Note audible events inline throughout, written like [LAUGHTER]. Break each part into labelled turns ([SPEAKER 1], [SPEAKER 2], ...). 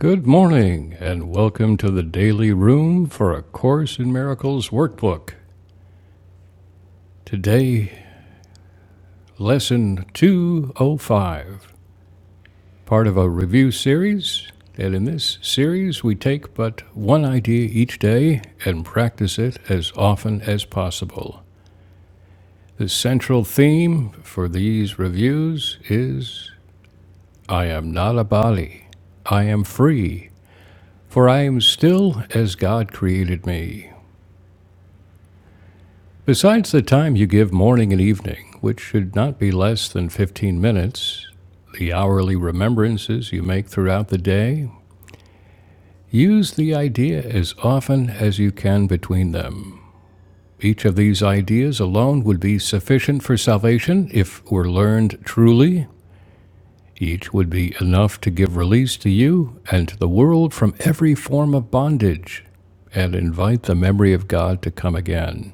[SPEAKER 1] Good morning, and welcome to the Daily Room for A Course in Miracles Workbook. Today, Lesson 205, part of a review series. And in this series, we take but one idea each day and practice it as often as possible. The central theme for these reviews is I am not a body, I am free, for I am still as God created me. Besides the time you give morning and evening, which should not be less than 15 minutes, the hourly remembrances you make throughout the day, use the idea as often as you can between them. Each of these ideas alone would be sufficient for salvation if were learned truly. Each would be enough to give release to you and to the world from every form of bondage and invite the memory of God to come again.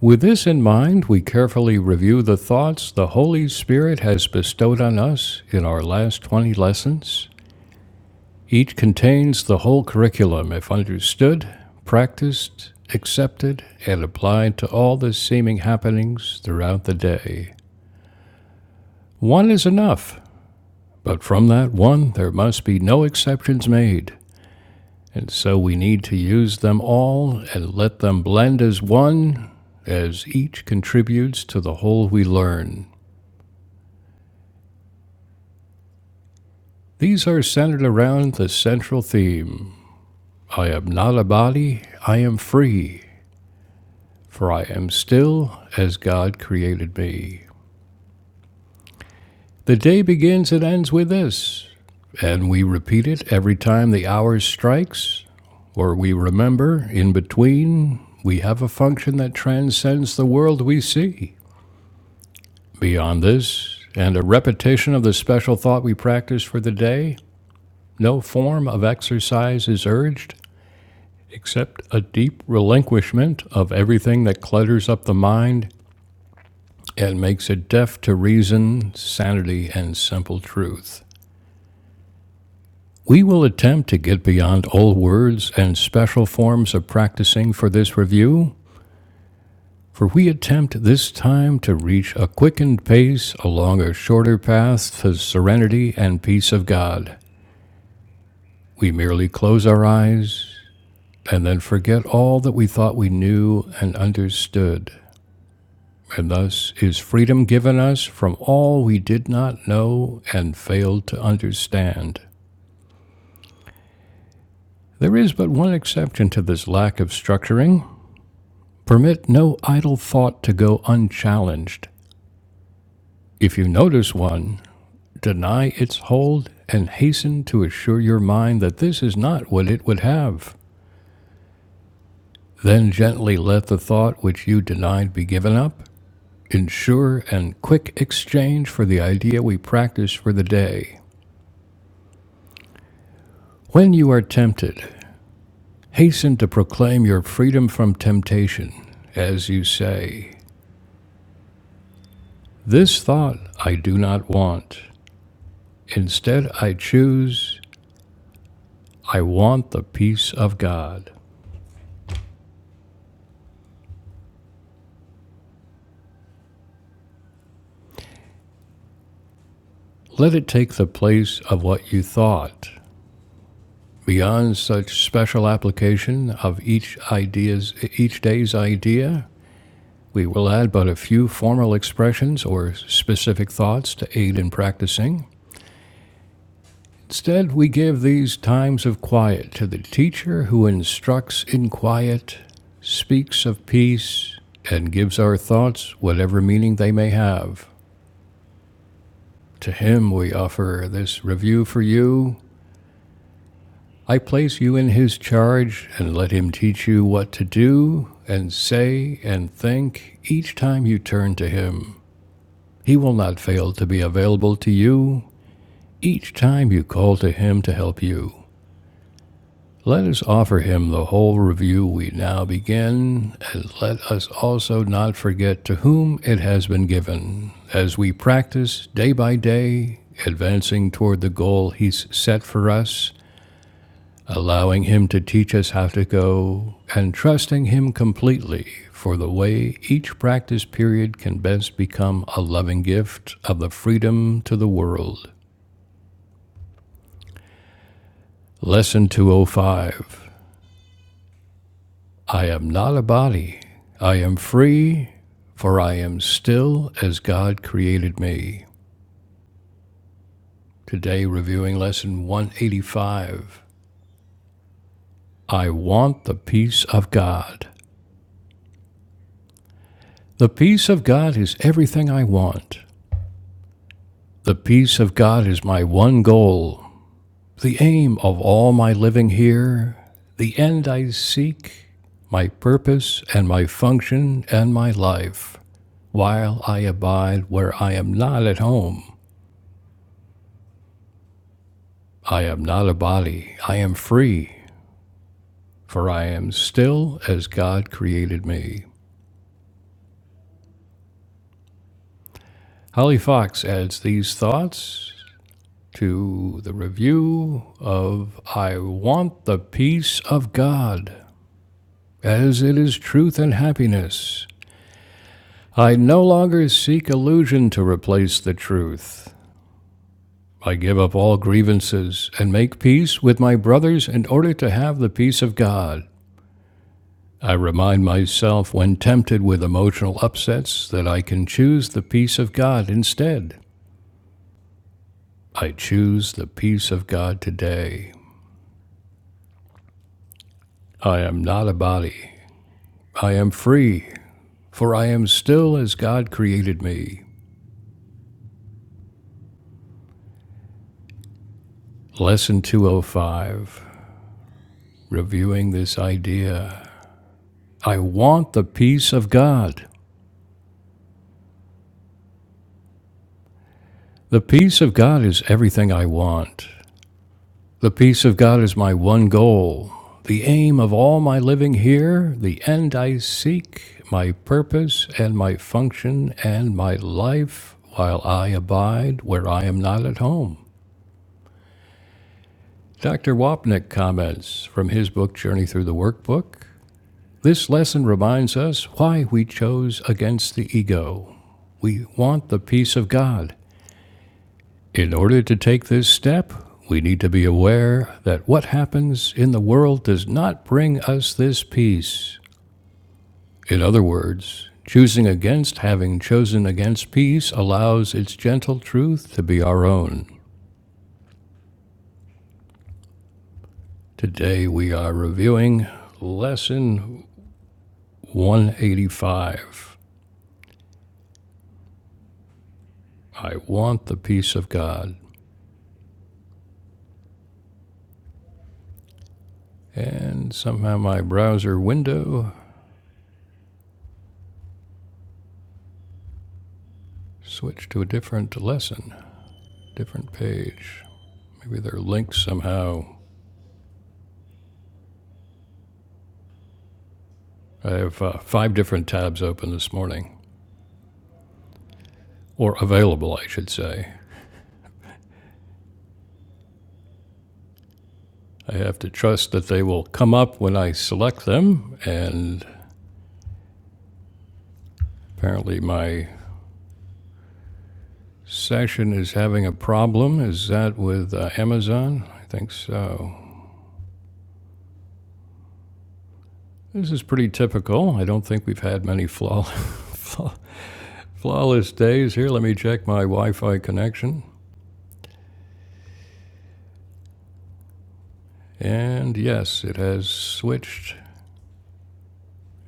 [SPEAKER 1] With this in mind, we carefully review the thoughts the Holy Spirit has bestowed on us in our last 20 lessons. Each contains the whole curriculum if understood, practiced, accepted, and applied to all the seeming happenings throughout the day. One is enough, but from that one there must be no exceptions made, and so we need to use them all and let them blend as one as each contributes to the whole we learn. These are centered around the central theme I am not a body, I am free, for I am still as God created me. The day begins and ends with this, and we repeat it every time the hour strikes, or we remember in between we have a function that transcends the world we see. Beyond this, and a repetition of the special thought we practice for the day, no form of exercise is urged. except a deep relinquishment of everything that clutters up the mind and makes it deaf to reason, sanity, and simple truth. We will attempt to get beyond old words and special forms of practicing for this review, for we attempt this time to reach a quickened pace along a shorter path to serenity and peace of God. We merely close our eyes and then forget all that we thought we knew and understood. And thus is freedom given us from all we did not know and failed to understand. There is but one exception to this lack of structuring permit no idle thought to go unchallenged. If you notice one, deny its hold and hasten to assure your mind that this is not what it would have. Then gently let the thought which you denied be given up. Ensure and quick exchange for the idea we practice for the day. When you are tempted, Hasten to proclaim your freedom from temptation, as you say, This thought I do not want. Instead, I choose, I want the peace of God. Let it take the place of what you thought. Beyond such special application of each idea's each day's idea, we will add but a few formal expressions or specific thoughts to aid in practicing. Instead, we give these times of quiet to the teacher who instructs in quiet, speaks of peace, and gives our thoughts whatever meaning they may have. To him we offer this review for you. I place you in his charge and let him teach you what to do and say and think each time you turn to him. He will not fail to be available to you each time you call to him to help you. Let us offer him the whole review we now begin, and let us also not forget to whom it has been given, as we practice day by day, advancing toward the goal he's set for us, allowing him to teach us how to go, and trusting him completely for the way each practice period can best become a loving gift of the freedom to the world. Lesson 205 I am not a body. I am free, for I am still as God created me. Today, reviewing lesson 185. I want the peace of God. The peace of God is everything I want. The peace of God is my one goal, the aim of all my living here, the end I seek, my purpose and my function and my life, while I abide where I am not at home. I am not a body, I am free, for I am still as God created me. Holly Fox adds these thoughts to the review of I Want the Peace of God, as it is truth and happiness. I no longer seek illusion to replace the truth. I give up all grievances and make peace with my brothers in order to have the peace of God. I remind myself when tempted with emotional upsets that I can choose the peace of God instead. I choose the peace of God today. I am not a body. I am free, for I am still as God created me. Lesson 205, reviewing this idea. I want the peace of God. The peace of God is everything I want. The peace of God is my one goal, the aim of all my living here, the end I seek, my purpose and my function and my life while I abide where I am not at home. Dr. Wapnick comments from his book Journey Through the Workbook. This lesson reminds us why we chose against the ego. We want the peace of God. In order to take this step, we need to be aware that what happens in the world does not bring us this peace. In other words, choosing against having chosen against peace allows its gentle truth to be our own. Today we are reviewing lesson 185. I want the peace of God. And somehow my browser window switched to a different lesson, different page. Maybe they're linked somehow. I have uh, five different tabs open this morning, or available, I should say. I have to trust that they will come up when I select them, and apparently my session is having a problem. Is that with uh, Amazon? I think so. This is pretty typical. I don't think we've had many flaw- [LAUGHS] flawless days here. Let me check my Wi Fi connection. And yes, it has switched.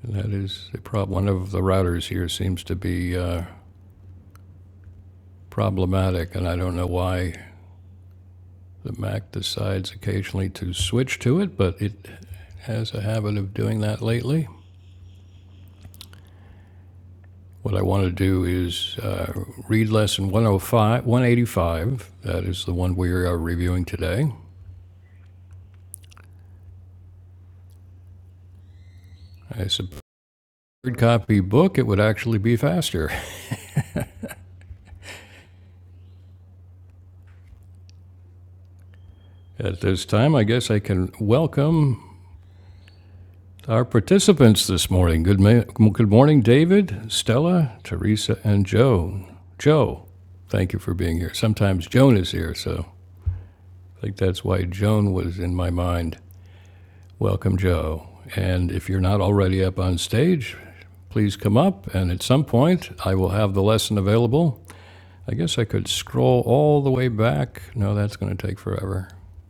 [SPEAKER 1] That is a problem. One of the routers here seems to be uh, problematic, and I don't know why the Mac decides occasionally to switch to it, but it has a habit of doing that lately. What I want to do is uh, read lesson 105, 185. That is the one we are reviewing today. I suppose hard copy book, it would actually be faster. At this time, I guess I can welcome To our participants this morning, good, ma- good morning, David, Stella, Teresa, and Joan. Joe, thank you for being here. Sometimes Joan is here, so I think that's why Joan was in my mind. Welcome, Joe. And if you're not already up on stage, please come up. And at some point, I will have the lesson available. I guess I could scroll all the way back. No, that's going to take forever.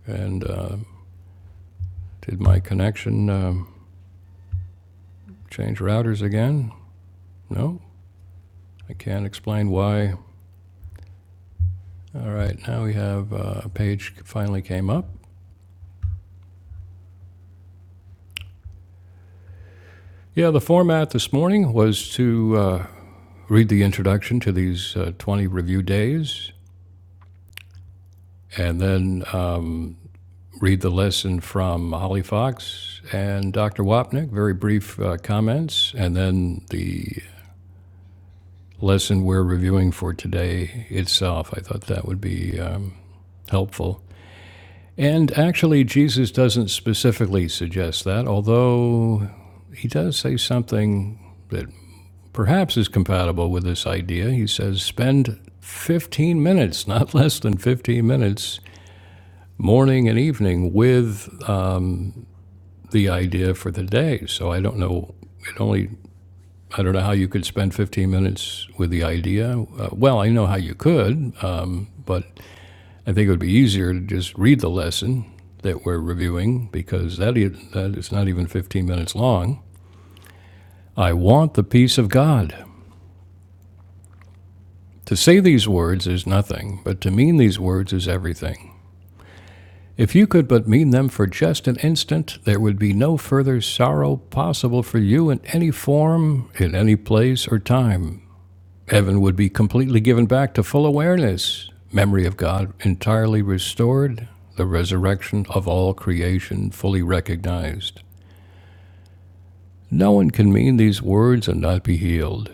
[SPEAKER 1] And uh, did my connection um, change routers again? No? I can't explain why. All right, now we have uh, a page finally came up. Yeah, the format this morning was to uh, read the introduction to these uh, 20 review days and then um, read the lesson from Holly Fox and Dr. Wapnick, very brief uh, comments, and then the lesson we're reviewing for today itself. I thought that would be um, helpful. And actually, Jesus doesn't specifically suggest that, although he does say something that perhaps is compatible with this idea. He says, spend 15 minutes, not [LAUGHS] less than 15 minutes, morning and evening with the idea for the day. So I don't know, it only, I don't know how you could spend 15 minutes with the idea. Uh, well, I know how you could, uh, but I think it would be easier to just read the lesson that we're reviewing because that is, that is not even 15 minutes long. I want the peace of God. To say these words is nothing, but to mean these words is everything. If you could but mean them for just an instant, there would be no further sorrow possible for you in any form, in any place or time. Heaven would be completely given back to full awareness, memory of God entirely restored, the resurrection of all creation fully recognized. No one can mean these words and not be healed.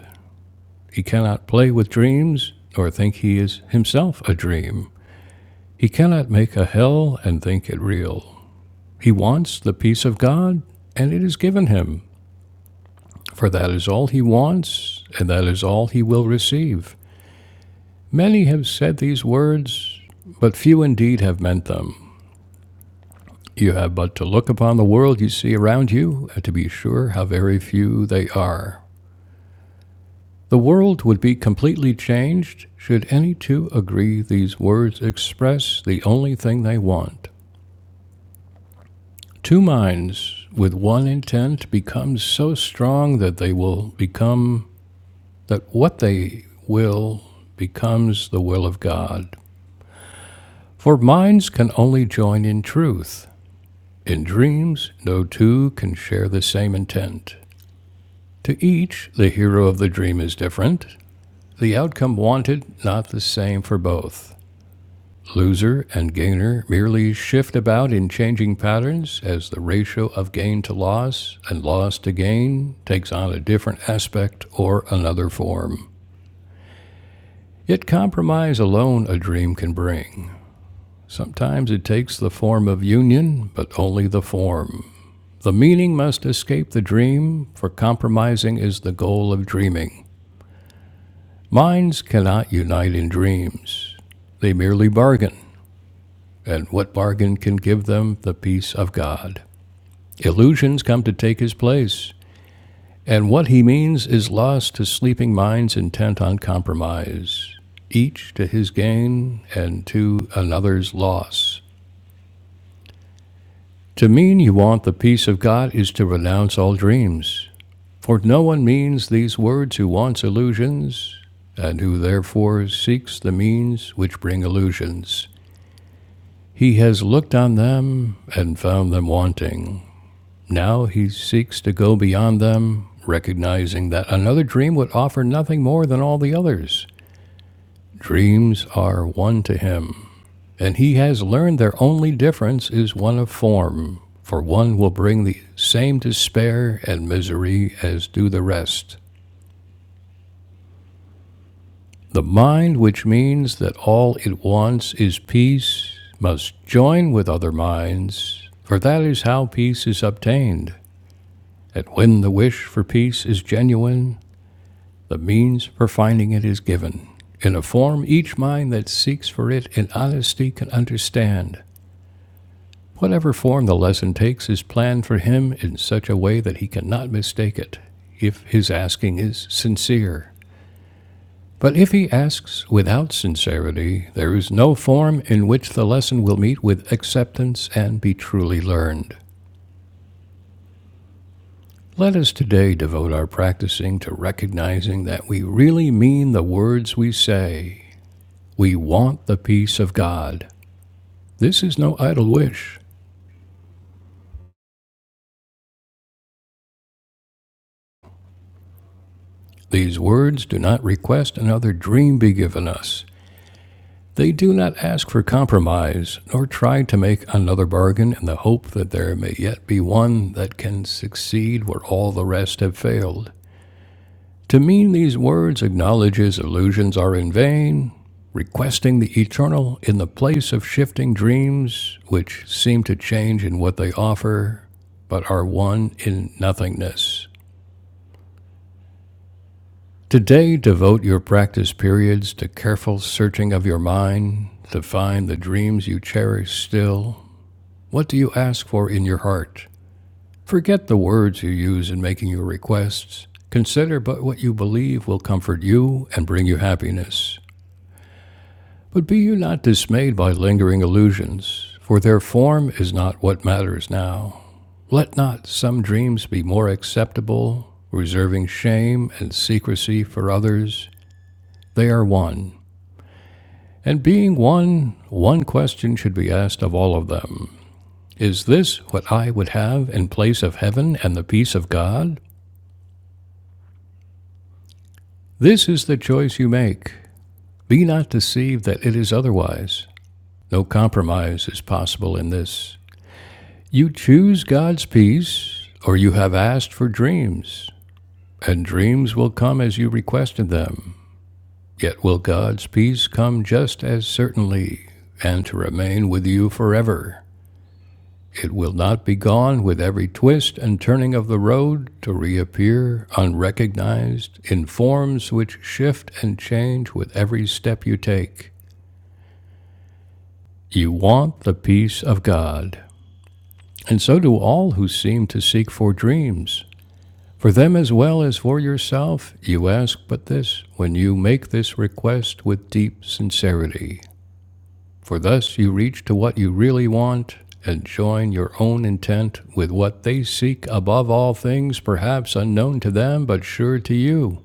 [SPEAKER 1] He cannot play with dreams or think he is himself a dream. He cannot make a hell and think it real. He wants the peace of God, and it is given him, for that is all he wants, and that is all he will receive. Many have said these words, but few indeed have meant them. You have but to look upon the world you see around you, and to be sure how very few they are. The world would be completely changed should any two agree these words express the only thing they want. Two minds with one intent become so strong that they will become, that what they will becomes the will of God. For minds can only join in truth. In dreams, no two can share the same intent. To each, the hero of the dream is different, the outcome wanted not the same for both. Loser and gainer merely shift about in changing patterns as the ratio of gain to loss and loss to gain takes on a different aspect or another form. Yet compromise alone a dream can bring. Sometimes it takes the form of union, but only the form. The meaning must escape the dream, for compromising is the goal of dreaming. Minds cannot unite in dreams. They merely bargain, and what bargain can give them the peace of God? Illusions come to take his place, and what he means is lost to sleeping minds intent on compromise, each to his gain and to another's loss. To mean you want the peace of God is to renounce all dreams. For no one means these words who wants illusions, and who therefore seeks the means which bring illusions. He has looked on them and found them wanting. Now he seeks to go beyond them, recognizing that another dream would offer nothing more than all the others. Dreams are one to him, and he has learned their only difference is one of form, for one will bring the same despair and misery as do the rest. The mind, which means that all it wants is peace, must join with other minds, for that is how peace is obtained. And when the wish for peace is genuine, the means for finding it is given, in a form each mind that seeks for it in honesty can understand. Whatever form the lesson takes is planned for him in such a way that he cannot mistake it, if his asking is sincere. But if he asks without sincerity, there is no form in which the lesson will meet with acceptance and be truly learned. Let us today devote our practicing to recognizing that we really mean the words we say. We want the peace of God. This is no idle wish. These words do not request another dream be given us. They do not ask for compromise, nor try to make another bargain in the hope that there may yet be one that can succeed where all the rest have failed. To mean these words acknowledges illusions are in vain, requesting the eternal in the place of shifting dreams which seem to change in what they offer, but are one in nothingness. Today, devote your practice periods to careful searching of your mind to find the dreams you cherish still What do you ask for in your heart? Forget the words you use in making your requests. Consider but what you believe will comfort you and bring you happiness. But be you not dismayed by lingering illusions, for their form is not what matters now. Let not some dreams be more acceptable, reserving shame and secrecy for others. They are one. And being one, one question should be asked of all of them. Is this what I would have in place of heaven and the peace of God? This is the choice you make. Be not deceived that it is otherwise. No compromise is possible in this. You choose God's peace, or you have asked for dreams, and dreams will come as you requested them. Yet will God's peace come just as certainly, and to remain with you forever. It will not be gone with every twist and turning of the road to reappear unrecognized in forms which shift and change with every step you take. You want the peace of God, and so do all who seem to seek for dreams. For them as well as for yourself, you ask but this when you make this request with deep sincerity. For thus you reach to what you really want and join your own intent with what they seek above all things, perhaps unknown to them, but sure to you.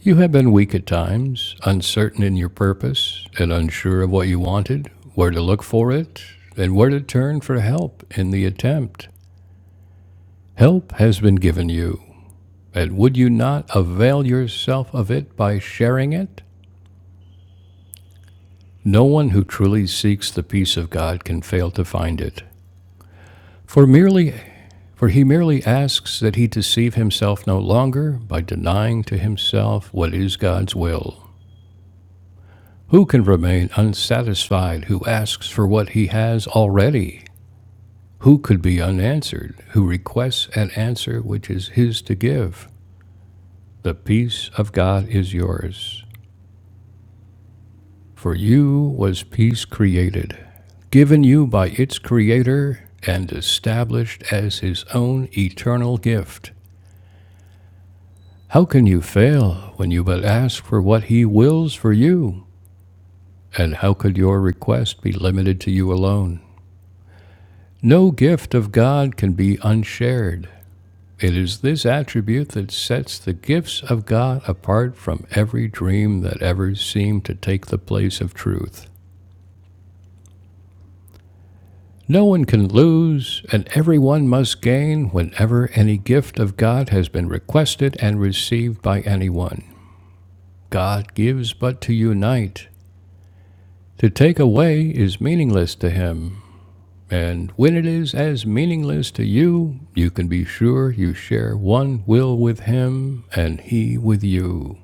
[SPEAKER 1] You have been weak at times, uncertain in your purpose, and unsure of what you wanted, where to look for it, and where to turn for help in the attempt. Help has been given you, and would you not avail yourself of it by sharing it? No one who truly seeks the peace of God can fail to find it. For merely For he merely asks that he deceive himself no longer by denying to himself what is God's will. Who can remain unsatisfied who asks for what he has already? Who could be unanswered who requests an answer which is his to give? The peace of God is yours. For you was peace created, given you by its Creator and established as his own eternal gift. How can you fail when you but ask for what He wills for you? And how could your request be limited to you alone? No gift of God can be unshared. It is this attribute that sets the gifts of God apart from every dream that ever seemed to take the place of truth. No one can lose, and everyone must gain whenever any gift of God has been requested and received by anyone. God gives but to unite, To take away is meaningless to him, and when it is as meaningless to you, you can be sure you share one will with him and he with you.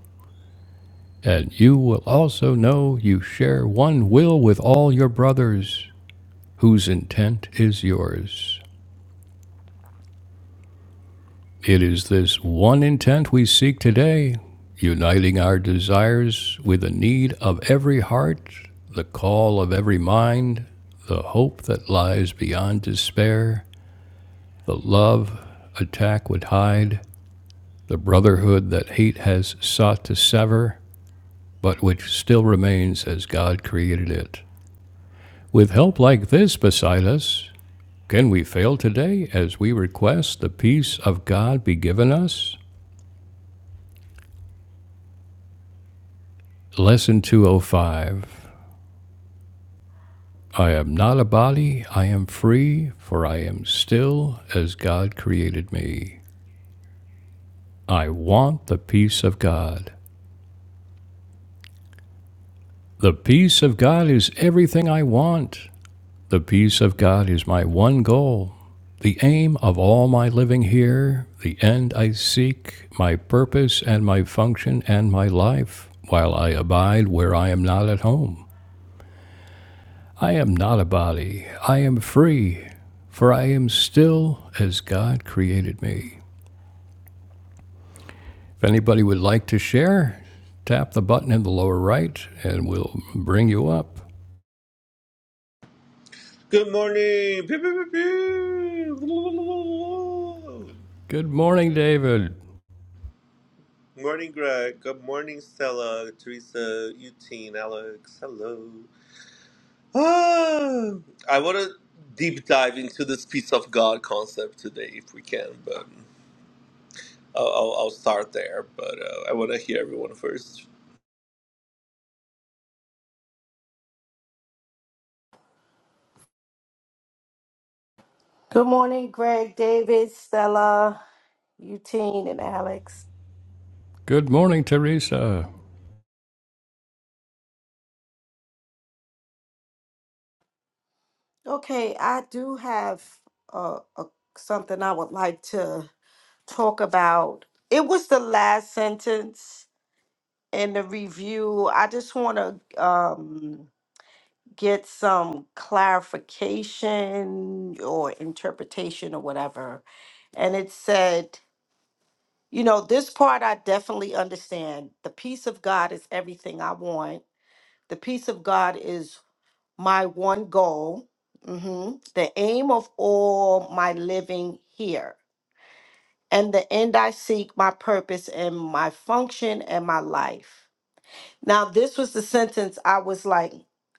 [SPEAKER 1] And you will also know you share one will with all your brothers, whose intent is yours. It is this one intent we seek today, uniting our desires with the need of every heart, the call of every mind, the hope that lies beyond despair, The love attack would hide, the brotherhood that hate has sought to sever, but which still remains as God created it. With help like this beside us, can we fail today as we request the peace of God be given us? Lesson 205 I am not a body, I am free, for I am still as God created me. I want the peace of God. The peace of God is everything I want. The peace of God is my one goal, the aim of all my living here, the end I seek, my purpose and my function and my life, while I abide where I am not at home. I am not a body, I am free, for I am still as God created me. If anybody would like to share, tap the button in the lower right and we'll bring you up.
[SPEAKER 2] Good morning. Pew, pew, pew, pew.
[SPEAKER 1] Good morning, David.
[SPEAKER 2] Morning, Greg. Good morning, Stella, Teresa, Eugene, Alex. Hello. Ah, I want to deep dive into this peace of God concept today, if we can, but I'll, I'll, I'll start there. But uh, I want to hear everyone first.
[SPEAKER 3] Good morning, Greg, David, Stella, Eugene, and Alex.
[SPEAKER 1] Good morning, Teresa.
[SPEAKER 3] Okay, I do have uh, a, something I would like to talk about. It was the last sentence in the review. I just want to um, get some clarification or interpretation or whatever. And it said, you know, this part I definitely understand. The peace of God is everything I want the peace of God is my one goal, mhm, the aim of all my living here, and the end I seek, my purpose and my function and my life. Now, this was the sentence I was like,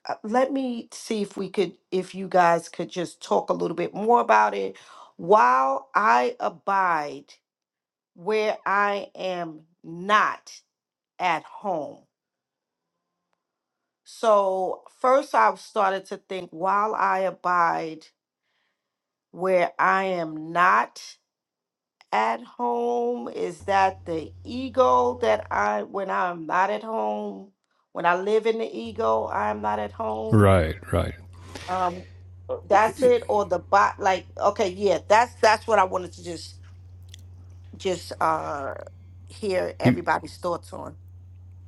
[SPEAKER 3] uh, let me see if we could, if you guys could just talk a little bit more about it. While I abide where I am not at home. So, first I started to think, while I abide where I am not at home? Is that the ego that I, when I'm not at home, when I live in the ego, I'm not at home?
[SPEAKER 1] Right, right.
[SPEAKER 3] Um, uh, that's it, or the bot? Like, okay, yeah, that's that's what I wanted to just just uh hear
[SPEAKER 1] He,
[SPEAKER 3] everybody's thoughts on.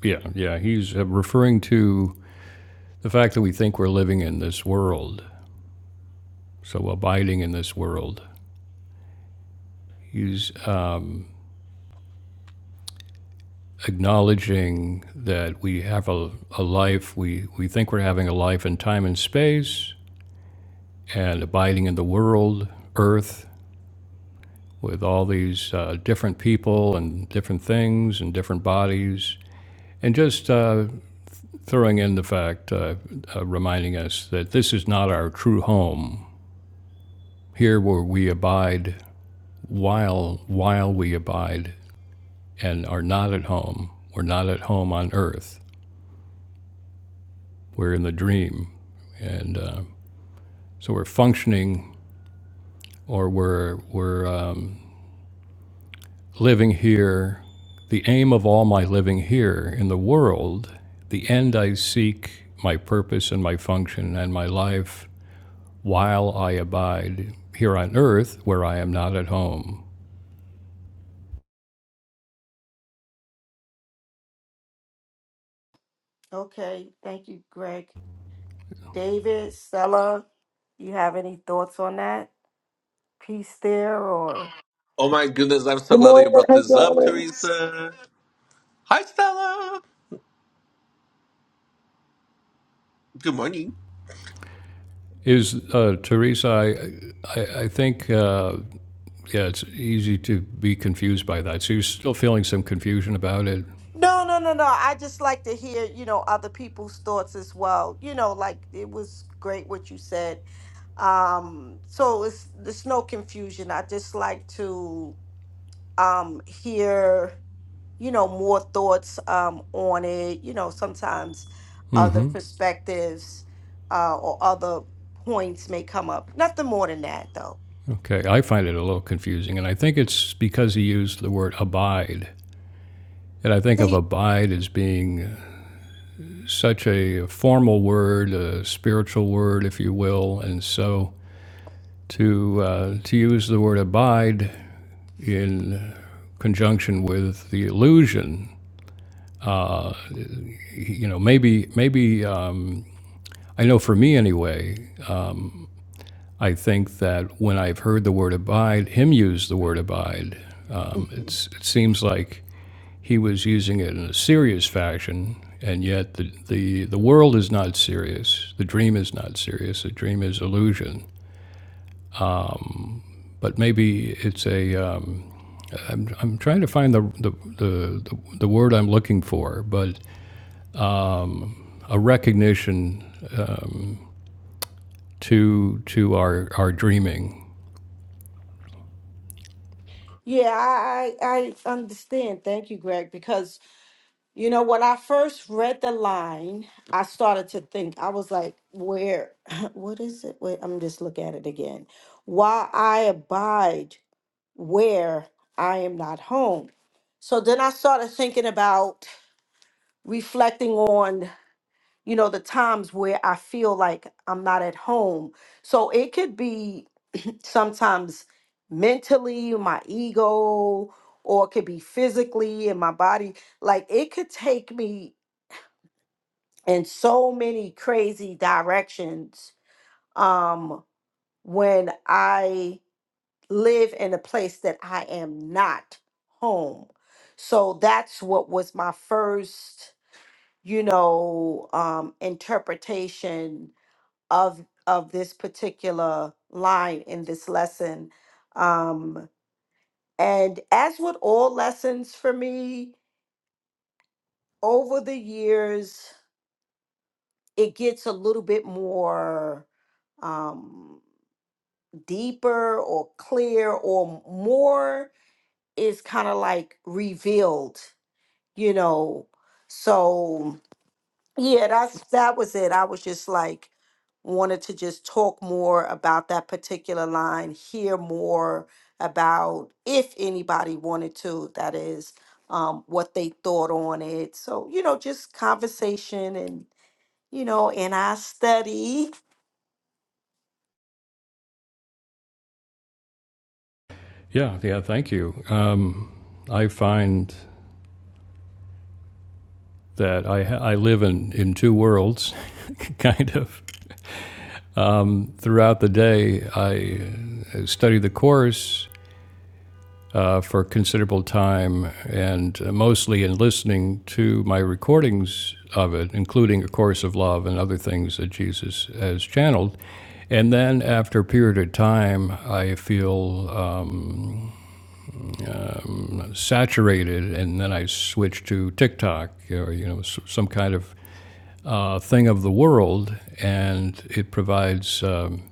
[SPEAKER 1] Yeah, yeah. He's uh, referring to the fact that we think we're living in this world, so abiding in this world. He's uh, acknowledging that we have a, a life, we, we think we're having a life in time and space, and abiding in the world, earth, with all these uh, different people and different things and different bodies. And just uh, throwing in the fact, uh, uh, reminding us that this is not our true home. Here, where we abide, while while we abide and are not at home. We're not at home on earth. We're in the dream, and uh, so we're functioning or we're we're um, living here. The aim of all my living here in the world, the end I seek, my purpose and my function and my life while I abide here on earth where I am not at home
[SPEAKER 3] Okay, thank you, Greg. David, Stella, you have any thoughts on that piece there, or?
[SPEAKER 2] Oh my goodness, I'm so
[SPEAKER 4] Good
[SPEAKER 2] glad that
[SPEAKER 4] morning.
[SPEAKER 2] you brought
[SPEAKER 4] Hey,
[SPEAKER 2] this up,
[SPEAKER 4] darlings.
[SPEAKER 2] Teresa. Hi, Stella. Good morning.
[SPEAKER 1] is uh, Teresa. I I, I think. Uh, Yeah, it's easy to be confused by that. So you're still feeling some confusion about it.
[SPEAKER 3] No, no, no, no. I just like to hear, you know, other people's thoughts as well. You know, like it was great what you said. Um, so it's there's no confusion. I just like to um hear, you know, more thoughts um on it, you know, sometimes other
[SPEAKER 1] hmm
[SPEAKER 3] perspectives uh or other points may come up. Nothing more than that though.
[SPEAKER 1] Okay, I find it a little confusing, and I think it's because he used the word abide. And I think of
[SPEAKER 3] See,
[SPEAKER 1] abide as being such a formal word, a spiritual word, if you will. And so to, uh, to use the word abide in conjunction with the illusion, you know, maybe, maybe um, I know for me anyway, I think that when I've heard the word abide, him use the word abide, um,
[SPEAKER 3] [LAUGHS]
[SPEAKER 1] it's, it seems like he was using it in a serious fashion, and yet the, the, the world is not serious. The dream is not serious. The dream is illusion. But maybe it's a, um, I'm, I'm trying to find the, the, the, the word I'm looking for, but a recognition um, to, to our, our dreaming.
[SPEAKER 3] yeah, I I I understand. Thank you, Greg, because You know, when I first read the line, I started to think, I was like, where, [LAUGHS] what is it? Wait, I'm just looking at it again. Why I abide where I am not home. So then I started thinking about reflecting on, you know, the times where I feel like I'm not at home. So it could be [CLEARS THROAT] sometimes mentally, my ego, or it could be physically in my body. Like it could take me in so many crazy directions um when I live in a place that I am not home. So that's what was my first, you know, um interpretation of of this particular line in this lesson. Um and as with all lessons for me over the years, it gets a little bit more um deeper or clear or more is kind of like revealed, you know. So yeah, that's that was it. I was just like wanted to just talk more about that particular line, hear more about if anybody wanted to, that is, um, what they thought on it. So, you know, just conversation and you know, and I study.
[SPEAKER 1] Yeah, yeah, thank you. Um, I find that I, I live in, in two worlds, [LAUGHS] kind of. Um, throughout the day, I uh, study the course uh, for considerable time and uh, mostly in listening to my recordings of it, including A Course of Love and other things that Jesus has channeled. And then after a period of time, I feel um, saturated, and then I switch to TikTok or you know some kind of uh, thing of the world, and it provides um,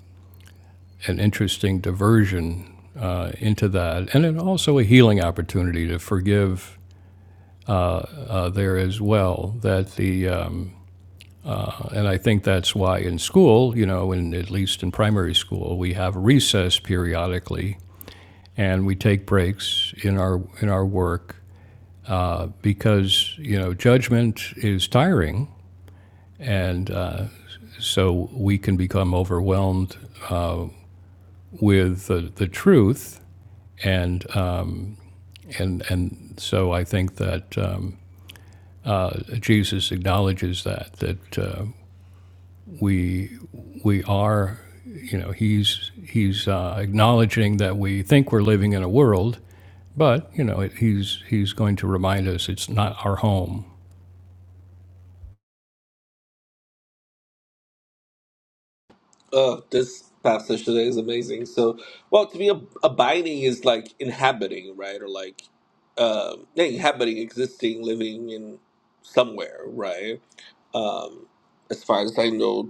[SPEAKER 1] an interesting diversion uh, into that, and it also a healing opportunity to forgive uh, there as well. That the um, and I think that's why in school, you know, in at least in primary school, we have recess periodically, and we take breaks in our in our work uh, because you know judgment is tiring, and uh, so we can become overwhelmed with the, the truth. And, uh, and, and so I think that um, uh, Jesus acknowledges that, that uh, we, we are, you know, he's, he's uh, acknowledging that we think we're living in a world, but, you know, it, he's, he's going to remind us it's not our home.
[SPEAKER 2] Oh, this passage today is amazing. So, well, to be ab- abiding is like inhabiting, right? Or like, um, yeah, inhabiting, existing, living in somewhere, right? Um, as far as I know,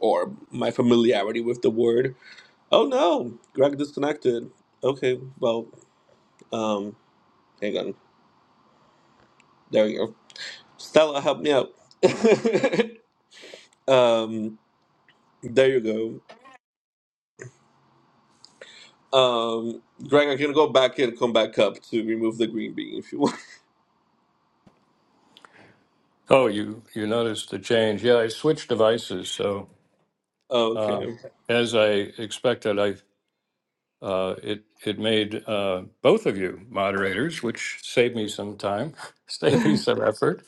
[SPEAKER 2] or my familiarity with the word. Oh no, Greg disconnected. Okay, well, um, hang on. There you go. Stella, help me out. [LAUGHS] um, there you go. Um, Greg, I can go back and come back up to remove the green bean if you want.
[SPEAKER 1] Oh, you you noticed the change? Yeah, I switched devices. So
[SPEAKER 2] Oh,
[SPEAKER 1] uh,
[SPEAKER 2] Okay.
[SPEAKER 1] as I expected, I Uh, It, it made uh, both of you moderators, which saved me some time, [LAUGHS] saved me some effort.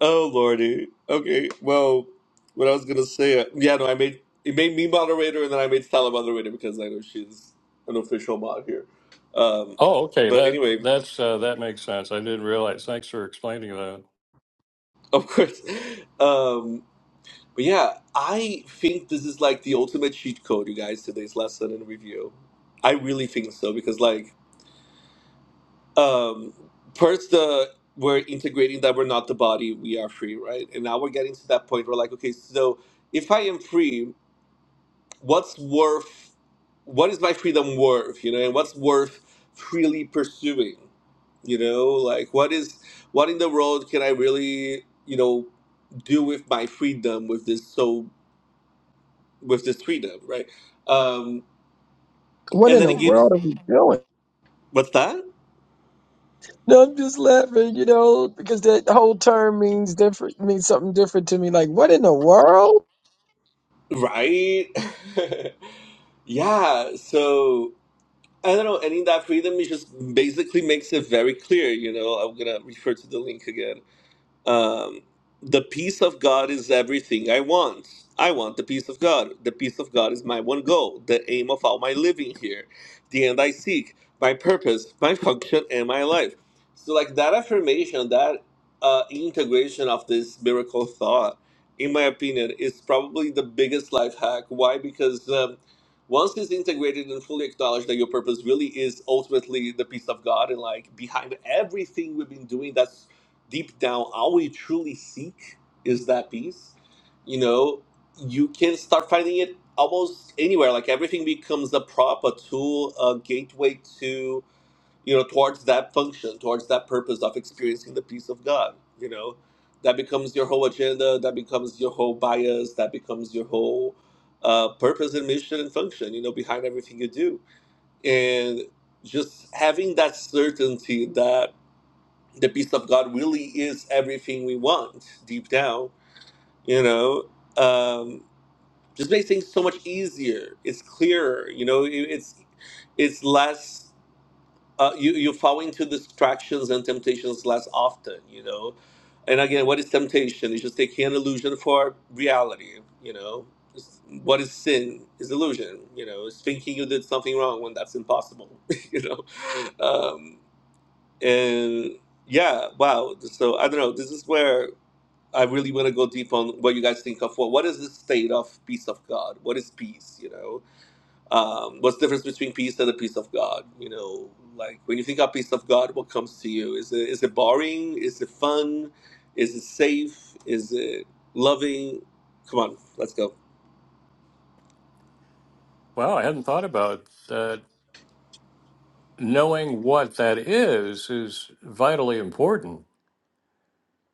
[SPEAKER 2] Oh lordy. Okay. Well, what I was gonna say, yeah, no, I made it made me moderator, and then I made Stella moderator because I know she's an official mod here. Um,
[SPEAKER 1] Oh, okay,
[SPEAKER 2] but
[SPEAKER 1] that,
[SPEAKER 2] anyway,
[SPEAKER 1] that's, uh, that makes sense. I didn't realize. Thanks for explaining that.
[SPEAKER 2] [LAUGHS] of course. Um, but yeah, I think this is like the ultimate cheat code, you guys. Today's lesson and review. I really think so because, like, um first the we're integrating that we're not the body we are free right and now we're getting to that point where like okay so if i am free what's worth what is my freedom worth you know and what's worth freely pursuing you know like what is what in the world can i really you know do with my freedom with this so with this freedom right um
[SPEAKER 4] What
[SPEAKER 2] and
[SPEAKER 4] in
[SPEAKER 2] then
[SPEAKER 4] the
[SPEAKER 2] it gives
[SPEAKER 4] world are we doing?
[SPEAKER 2] what's that
[SPEAKER 4] No, I'm just laughing, you know, because that whole term means different, means something different to me. Like, what in the world?
[SPEAKER 2] right [LAUGHS] yeah so I don't know, and in that freedom, it just basically makes it very clear. You know, I'm gonna refer to the link again um, the peace of God is everything I want. I want the peace of God. The peace of God is my one goal, the aim of all my living here, the end I seek, my purpose, my [LAUGHS] function, and my life. So, like that affirmation, that uh, integration of this miracle thought, in my opinion, is probably the biggest life hack. Why? Because um, once it's integrated and fully acknowledged that your purpose really is ultimately the peace of God, and like behind everything we've been doing, that's deep down, all we truly seek is that peace. You know, you can start finding it almost anywhere. Like everything becomes a prop, a tool, a gateway to you know towards that function, towards that purpose of experiencing the peace of God. You know, that becomes your whole agenda. That becomes your whole bias. That becomes your whole uh, purpose and mission and function. You know, behind everything you do, and just having that certainty that the peace of God really is everything we want deep down, you know. Um, just makes things so much easier. It's clearer, you know. it- It's it's less. Uh, you you fall into distractions and temptations less often, you know. And again, what is temptation? It's just taking an illusion for reality, you know. It's- What is sin? Is illusion, you know. It's thinking you did something wrong when that's impossible, [LAUGHS] you know. Um, and yeah, wow. So I don't know. This is where I really want to go deep on what you guys think of. Well, what is the state of peace of God? What is peace? You know, um, what's the difference between peace and the peace of God? You know, like when you think of peace of God, what comes to you? Is it is it boring? Is it fun? Is it safe? Is it loving? Come on, let's go.
[SPEAKER 1] Wow, I hadn't thought about that. Knowing what that is is vitally important.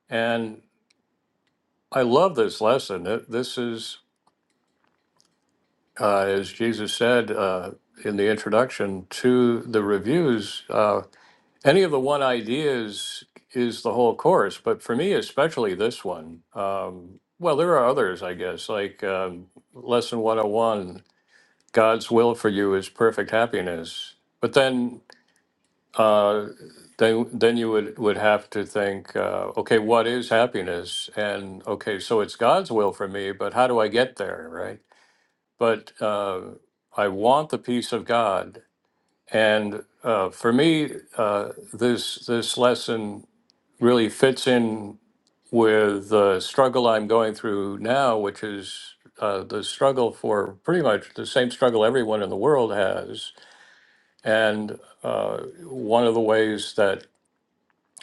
[SPEAKER 1] And I love this lesson. It- This is, uh, as Jesus said uh, in the introduction to the reviews, Uh, Any of the one ideas is the whole course, but for me, especially this one. Um, well, there are others, I guess, like um, Lesson 101 God's will for you is perfect happiness. But then, uh, then, then you would, would have to think, uh, okay, what is happiness? And okay, so it's God's will for me, but how do I get there, right? But uh, I want the peace of God. And uh, for me, uh, this this lesson really fits in with the struggle I'm going through now, which is uh, the struggle for pretty much the same struggle everyone in the world has. And uh, one of the ways that,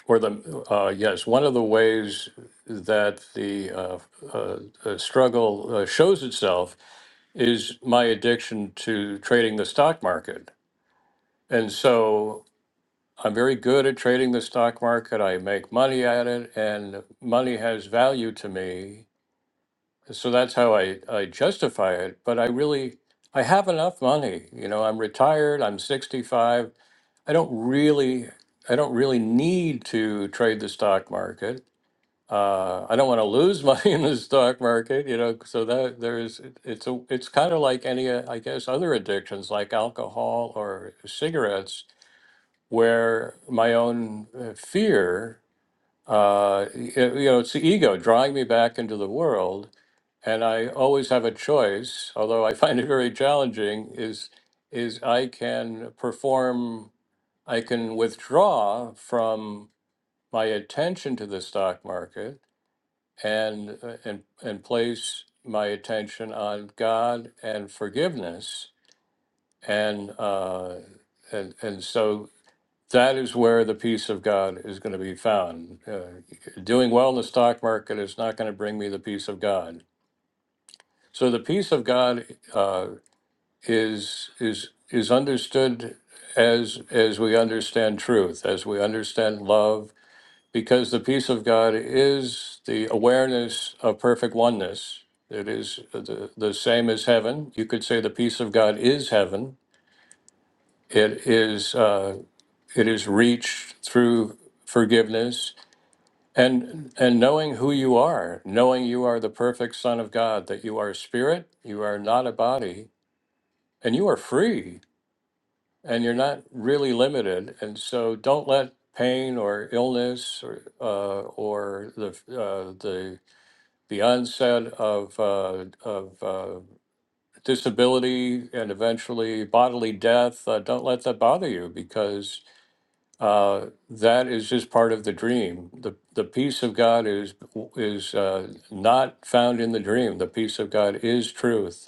[SPEAKER 1] or the, uh, yes, one of the ways that the uh, uh, uh, struggle uh, shows itself is my addiction to trading the stock market. And so I'm very good at trading the stock market. I make money at it, and money has value to me. So that's how I, I justify it. But I really, I have enough money. You know, I'm retired. I'm 65. I don't really, I don't really need to trade the stock market. Uh, I don't want to lose [LAUGHS] money in the stock market. You know, so that there's, it's a, it's kind of like any, uh, I guess, other addictions like alcohol or cigarettes where my own uh, fear, uh, y- you know, it's the ego drawing me back into the world, and I always have a choice, although I [LAUGHS] find it very challenging. Is is I can perform, I can withdraw from my attention to the stock market and uh, and and place my attention on God and forgiveness and. Uh, and and so that is where the peace of God is going to be found. Uh, doing well in the stock market is not going to bring me the peace of God. So the peace of God uh, is is is understood as as we understand truth, as we understand love, because the peace of God is the awareness of perfect oneness. It is the, the same as heaven. You could say the peace of God is heaven. It is uh, it is reached through forgiveness And and knowing who you are, knowing you are the perfect son of God, that you are spirit, you are not a body, and you are free and you're not really limited. And so don't let pain or illness or uh, or the uh, the the onset of uh, of uh, disability and eventually bodily death, uh, don't let that bother you because uh, that is just part of the dream. The, the peace of God is, is uh, not found in the dream. The peace of God is truth.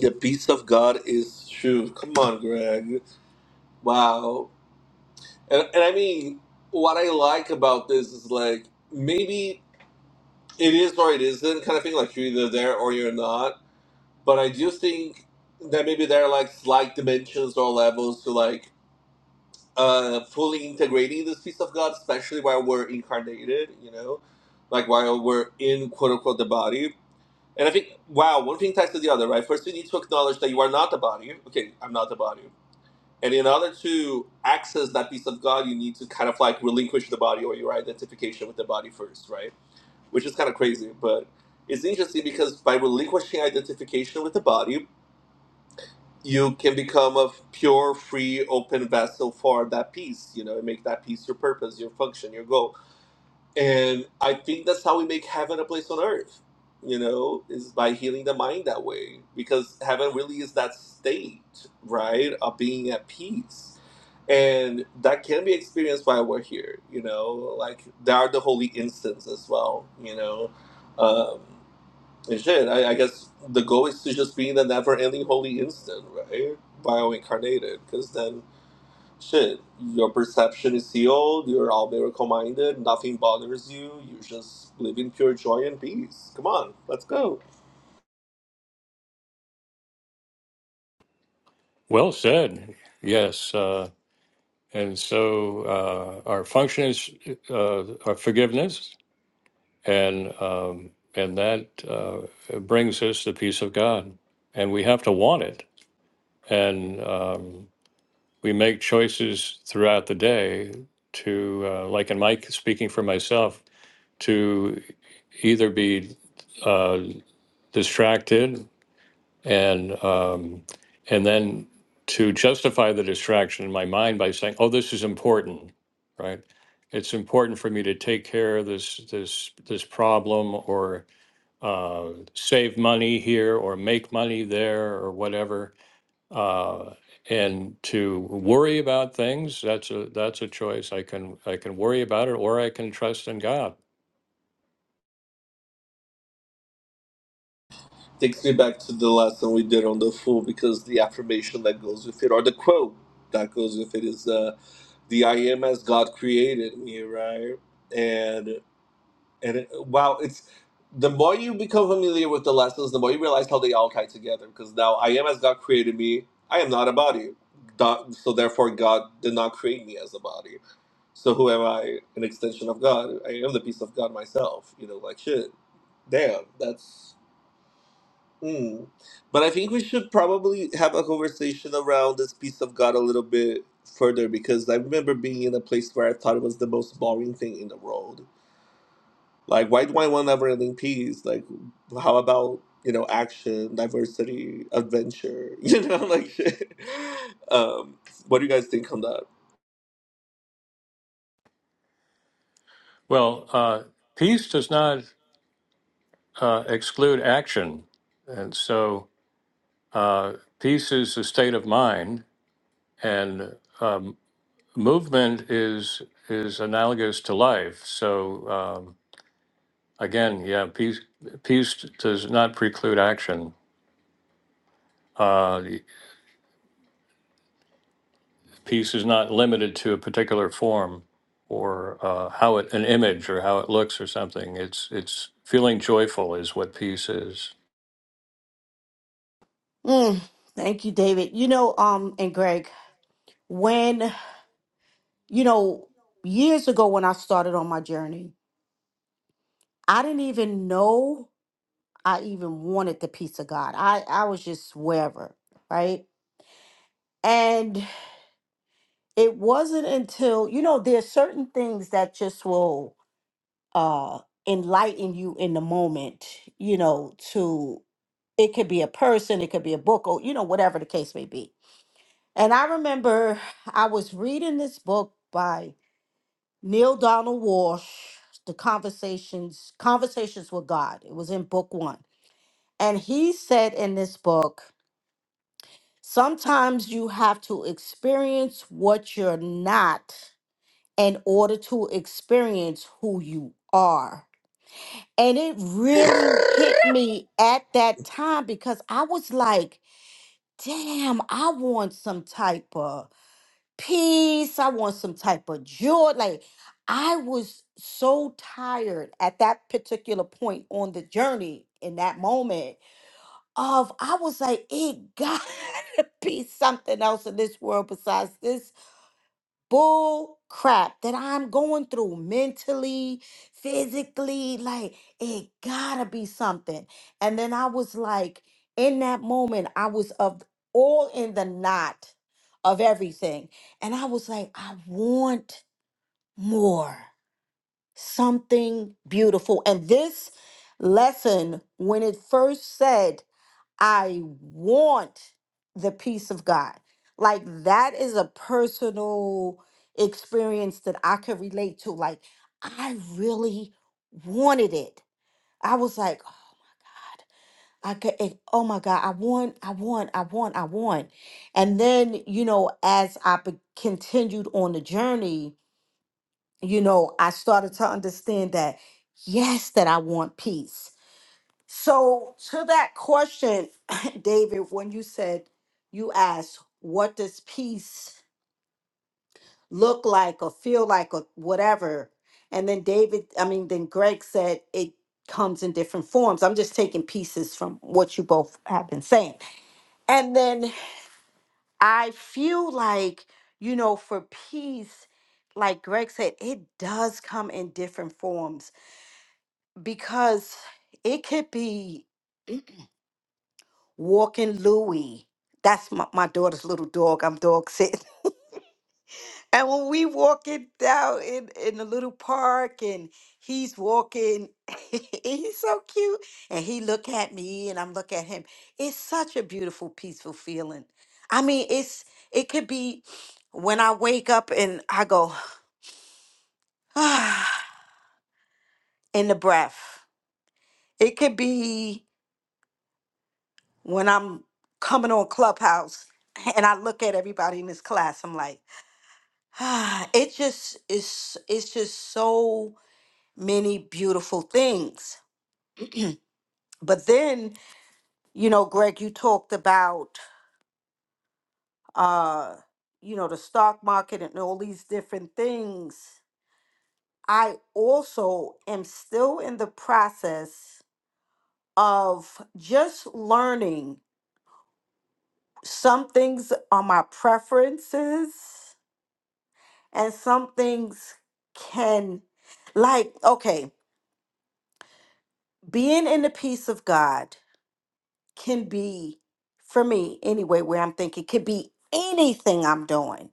[SPEAKER 2] The peace of God is true. Come on, Greg. Wow. And, and I mean, what I like about this is like maybe it is or it isn't kind of thing. Like you're either there or you're not. But I do think that maybe there are like slight dimensions or levels to like uh, fully integrating this piece of God, especially while we're incarnated. You know, like while we're in quote unquote the body. And I think wow, one thing ties to the other, right? First, you need to acknowledge that you are not the body. Okay, I'm not the body. And in order to access that piece of God, you need to kind of like relinquish the body or your identification with the body first, right? Which is kind of crazy, but it's interesting because by relinquishing identification with the body, you can become a pure, free, open vessel for that piece. You know, and make that piece your purpose, your function, your goal and I think that's how we make heaven a place on earth, you know, is by healing the mind that way. Because heaven really is that state, right, of being at peace. And that can be experienced while we're here, you know, like there are the holy instants as well, you know. Um, and shit, I, I guess the goal is to just be in the never ending holy instant, right, while incarnated. Because then Shit, your perception is healed, you're all miracle minded, nothing bothers you, you just live in pure joy and peace. Come on, let's go.
[SPEAKER 1] Well said. Yes. Uh, and so uh, our function is uh, our forgiveness, and, um, and that uh, brings us the peace of God. And we have to want it. And um, we make choices throughout the day to, uh, like in my speaking for myself, to. either be uh, distracted and um, and then to justify the distraction in my mind by saying, "Oh, this is important," right? It's important for me to take care of this this this problem or uh, save money here or make money there or whatever. Uh, and to worry about things that's a that's a choice i can i can worry about it or i can trust in god
[SPEAKER 2] Takes me back to the lesson we did on the fool because the affirmation that goes with it, or the quote that goes with it, is uh, the I am as God created me, right? and. And it, wow, it's the more you become familiar with the lessons, the more you realize how they all tie together. Because now I am as God created me. I am not a body. God, so therefore, God did not create me as a body. So who am I? An extension of God. I am the piece of God myself. You know, like shit. Damn, that's. Mm. But I think we should probably have a conversation around this piece of God a little bit further because I remember being in a place where I thought it was the most boring thing in the world like, why do I want never-ending peace? Like, how about you know action, diversity, adventure? [LAUGHS] You know, like shit. Um, what do you guys think on that?
[SPEAKER 1] well uh
[SPEAKER 5] Well,
[SPEAKER 1] peace does
[SPEAKER 5] uh, he's
[SPEAKER 1] not
[SPEAKER 5] just not. Right.
[SPEAKER 1] uh, exclude action. And so uh, peace is a state of mind, and um, movement is is analogous to life. So um, again, yeah, peace peace does not preclude action. Uh, peace is not limited to a particular form or uh, how it an image or how it looks or something. It's it's feeling joyful is what peace is.
[SPEAKER 3] Mm, thank you, David. You know, um, and Greg,
[SPEAKER 5] When,
[SPEAKER 3] when you know,
[SPEAKER 5] you know,
[SPEAKER 3] years ago when I started on my journey, I didn't even know I even wanted the peace of God. I, I was just wherever, right? And it wasn't until, you know, there's certain things that just will uh enlighten you in the moment, you know, to it could be a person, it could be a book, or you know, whatever the case may be. And I remember I was reading this book by Neil Donald Walsh, The Conversations, Conversations with God. It was in book one. And he said in this book, sometimes you have to experience what you're not in order to experience who you are. And it really hit me at that time because I was like, damn, I want some type of peace. I want some type of joy. Like I was so tired at that particular point on the journey in that moment of I was like, it got [LAUGHS] to be something else in this world besides this bull crap that I'm going through mentally, physically. Like, it gotta be something. And then I was like, in that moment, I was of all in the knot of everything. And I was like, I want more, something beautiful. And this lesson, when it first said, I want the peace of God. Like that is a personal experience that I could relate to. Like I really wanted it. I was like, oh my God, I could it, oh my God, I want, I want, I want, I want. And then, you know, as I be- continued on the journey, you know, I started to understand that yes, that I want peace so, to that question, [LAUGHS] David, when you said you asked, what does peace look like or feel like or whatever? And then David, I mean, then Greg said it comes in different forms. I'm just taking pieces from what you both have been saying. And then I feel like, you know, for peace, like Greg said, it does come in different forms because it could be walking Louie. That's my, my daughter's little dog. I'm dog sitting. [LAUGHS] And when we walking down in, in the little park and he's walking, [LAUGHS] he's so cute. And he look at me and I'm look at him. It's such a beautiful, peaceful feeling. I mean, it's it could be when I wake up and I go, [SIGHS] in the breath. It could be when I'm coming on Clubhouse [LAUGHS] and I look at everybody in this class. I'm like, [SIGHS] it just is it's just so many beautiful things [CLEARS THROAT] but then you know greg you talked about uh you know the stock market and all these different things i also am still in the process of just learning some things are my preferences and some things can like okay being in the peace of god can be for me anyway where i'm thinking could be anything i'm doing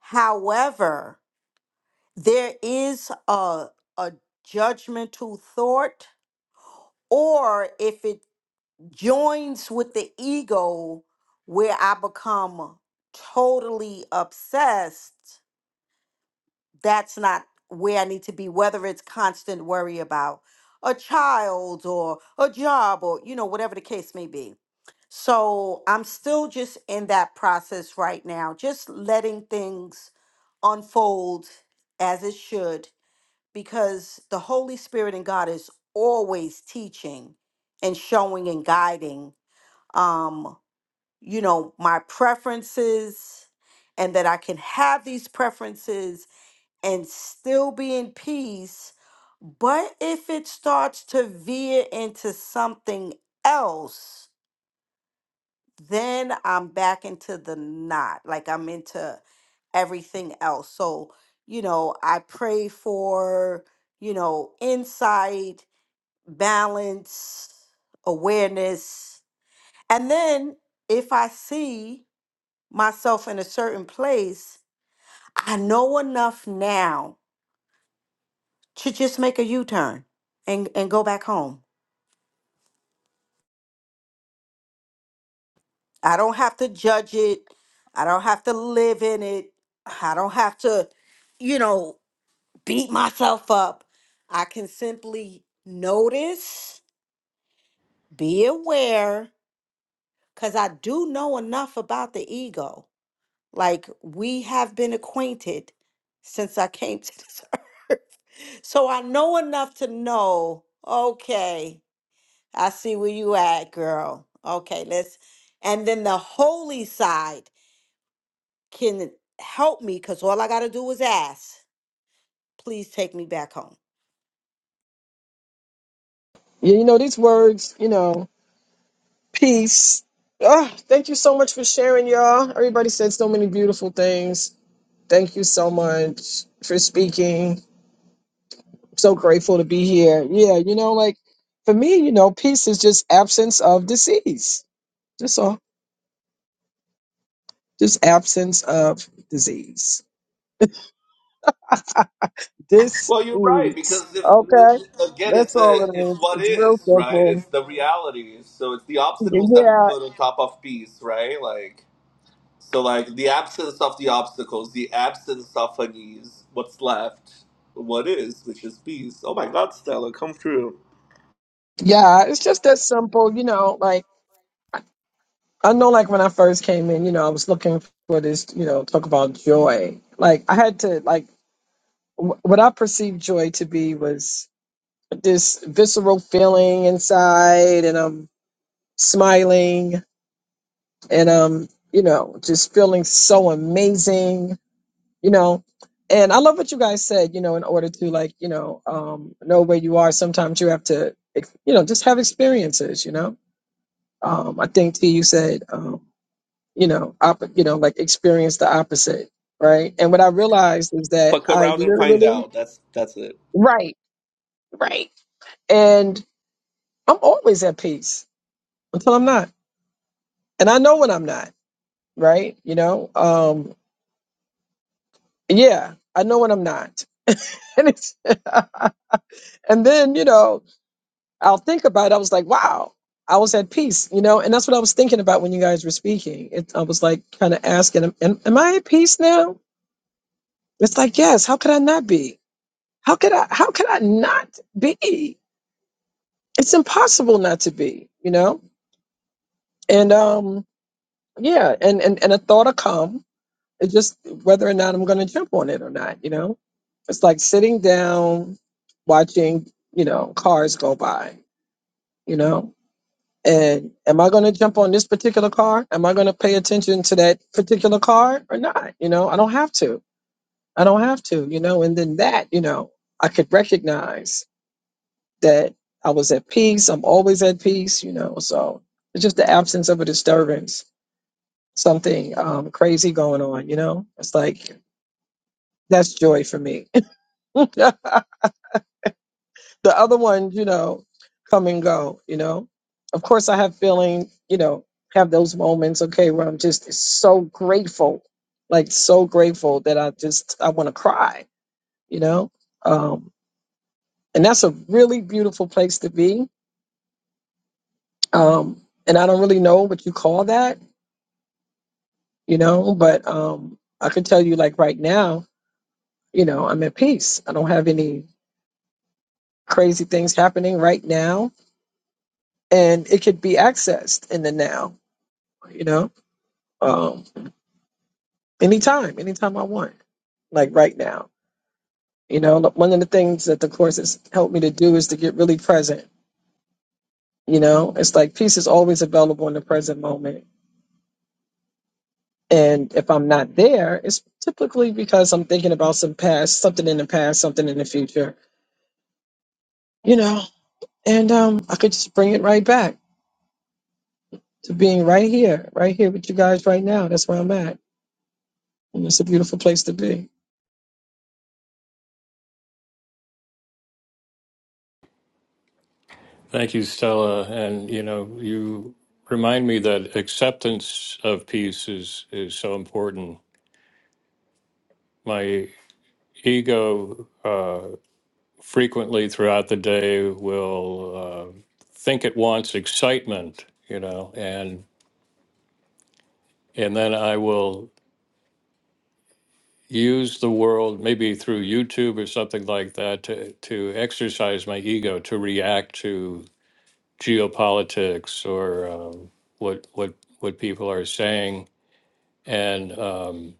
[SPEAKER 3] however there is a a judgmental thought or if it joins with the ego where i become totally obsessed that's not where I need to be, whether it's constant worry about a child or a job or, you know, whatever the case may be. So I'm still just in that process right now, just letting things unfold as it should, because the Holy Spirit and God is always teaching and showing and guiding, um, you know, my preferences and that I can have these preferences and still be in peace. But if it starts to veer into something else, then I'm back into the knot. Like I'm into everything else. So, you know, I pray for, you know, insight, balance, awareness. And then if I see myself in a certain place, I know enough now to just make a U-turn and and go back home. I don't have to judge it. I don't have to live in it. I don't have to, you know, beat myself up. I can simply notice, be aware cuz I do know enough about the ego. Like we have been acquainted since I came to this [LAUGHS] earth. So I know enough to know, okay, I see where you at, girl. Okay, let's. And then the holy side can help me because all I got to do is ask. Please take me back home.
[SPEAKER 4] Yeah, you know, these words, you know, peace. Ah, thank you so much for sharing, y'all. Everybody said so many beautiful things. Thank you so much for speaking. so grateful to be here. Yeah, you know, like for me, you know, peace is just absence of disease. That's all, just absence of disease. This
[SPEAKER 2] Well, you're right
[SPEAKER 4] is
[SPEAKER 2] because if
[SPEAKER 4] okay.
[SPEAKER 2] again, it's
[SPEAKER 4] That's all
[SPEAKER 2] the it's
[SPEAKER 4] it is.
[SPEAKER 2] what
[SPEAKER 4] It's real
[SPEAKER 2] is right.
[SPEAKER 4] simple.
[SPEAKER 2] It's the reality. So it's the obstacles that we
[SPEAKER 4] Yeah,
[SPEAKER 2] put on top of peace, right? Like so, like the absence of the obstacles, the absence of unease. What's left? What is? Which is peace. Oh my God, Stella, come through.
[SPEAKER 4] yeah. It's just
[SPEAKER 5] Yeah,
[SPEAKER 4] that
[SPEAKER 5] it's just that
[SPEAKER 4] simple. You
[SPEAKER 5] simple,
[SPEAKER 4] know,
[SPEAKER 5] you
[SPEAKER 4] like
[SPEAKER 5] know, like,
[SPEAKER 4] I know, like when I first came in, you know, I was looking for this. You know, talk about joy. Like I had to like w- what I perceived joy to be was this visceral feeling inside, and I'm smiling, and um, you know, just feeling so amazing you know and i love what you guys said you know in order to like you know um know where you are sometimes you have to ex- you know just have experiences you know um i think t you said um you know op- you know like experience the opposite right and what i realized is that
[SPEAKER 2] Fuck
[SPEAKER 4] i
[SPEAKER 2] around and find
[SPEAKER 4] literally
[SPEAKER 2] out. That's that's it.
[SPEAKER 4] right and i'm always at peace until i'm not and i know when i'm not right you know um yeah i know when i'm not [LAUGHS] and it's [LAUGHS] and then you know I'll think about it. I was like, wow, I was at peace, you know, and that's what I was thinking about when you guys were speaking. It, I was like, kind of asking, am, am am I at peace now? It's like, yes. How could I not be? How could I? How could I not be? It's impossible not to be, you know. And um, yeah, and and and a thought will come. It's just whether or not I'm going to jump on it or not, you know. It's like sitting down, watching, you know, cars go by, you know And am I going to jump on this particular car? Am I going to pay attention to that particular car or not? You know, I don't have to. I don't have to, you know, and then that, you know, I could recognize that I was at peace. I'm always at peace, you know, so it's just the absence of a disturbance, something um, crazy going on, you know, it's like that's joy for me. [LAUGHS] the other ones, you know, come and go, you know. Of course I have feeling, you know, have those moments, okay, where I'm just so grateful, like so grateful that I just I want to cry, you know. Um and that's a really beautiful place to be. Um and I don't really know what you call that, you know, but um I can tell you like right now, you know, I'm at peace. I don't have any crazy things happening right now and it could be accessed in the now, you know. Um, anytime, anytime I want, like right now. You know, Look, one of the things that the course has helped me to do is to get really present. You know, it's like peace is always available in the present moment. And if I'm not there, it's typically because I'm thinking about some past, something in the past, something in the future, you know, and um, I could just bring it right back to being right here, right here with you guys right now. That's where I'm at. And it's a beautiful place to be.
[SPEAKER 1] Thank you, Stella. And you know, you remind me that acceptance of peace is is so important. My ego uh, frequently throughout the day will uh, think it wants excitement, you know, and and then I will use the world maybe through YouTube or something like that to to exercise my ego to react to geopolitics or um, what what what people are saying and um,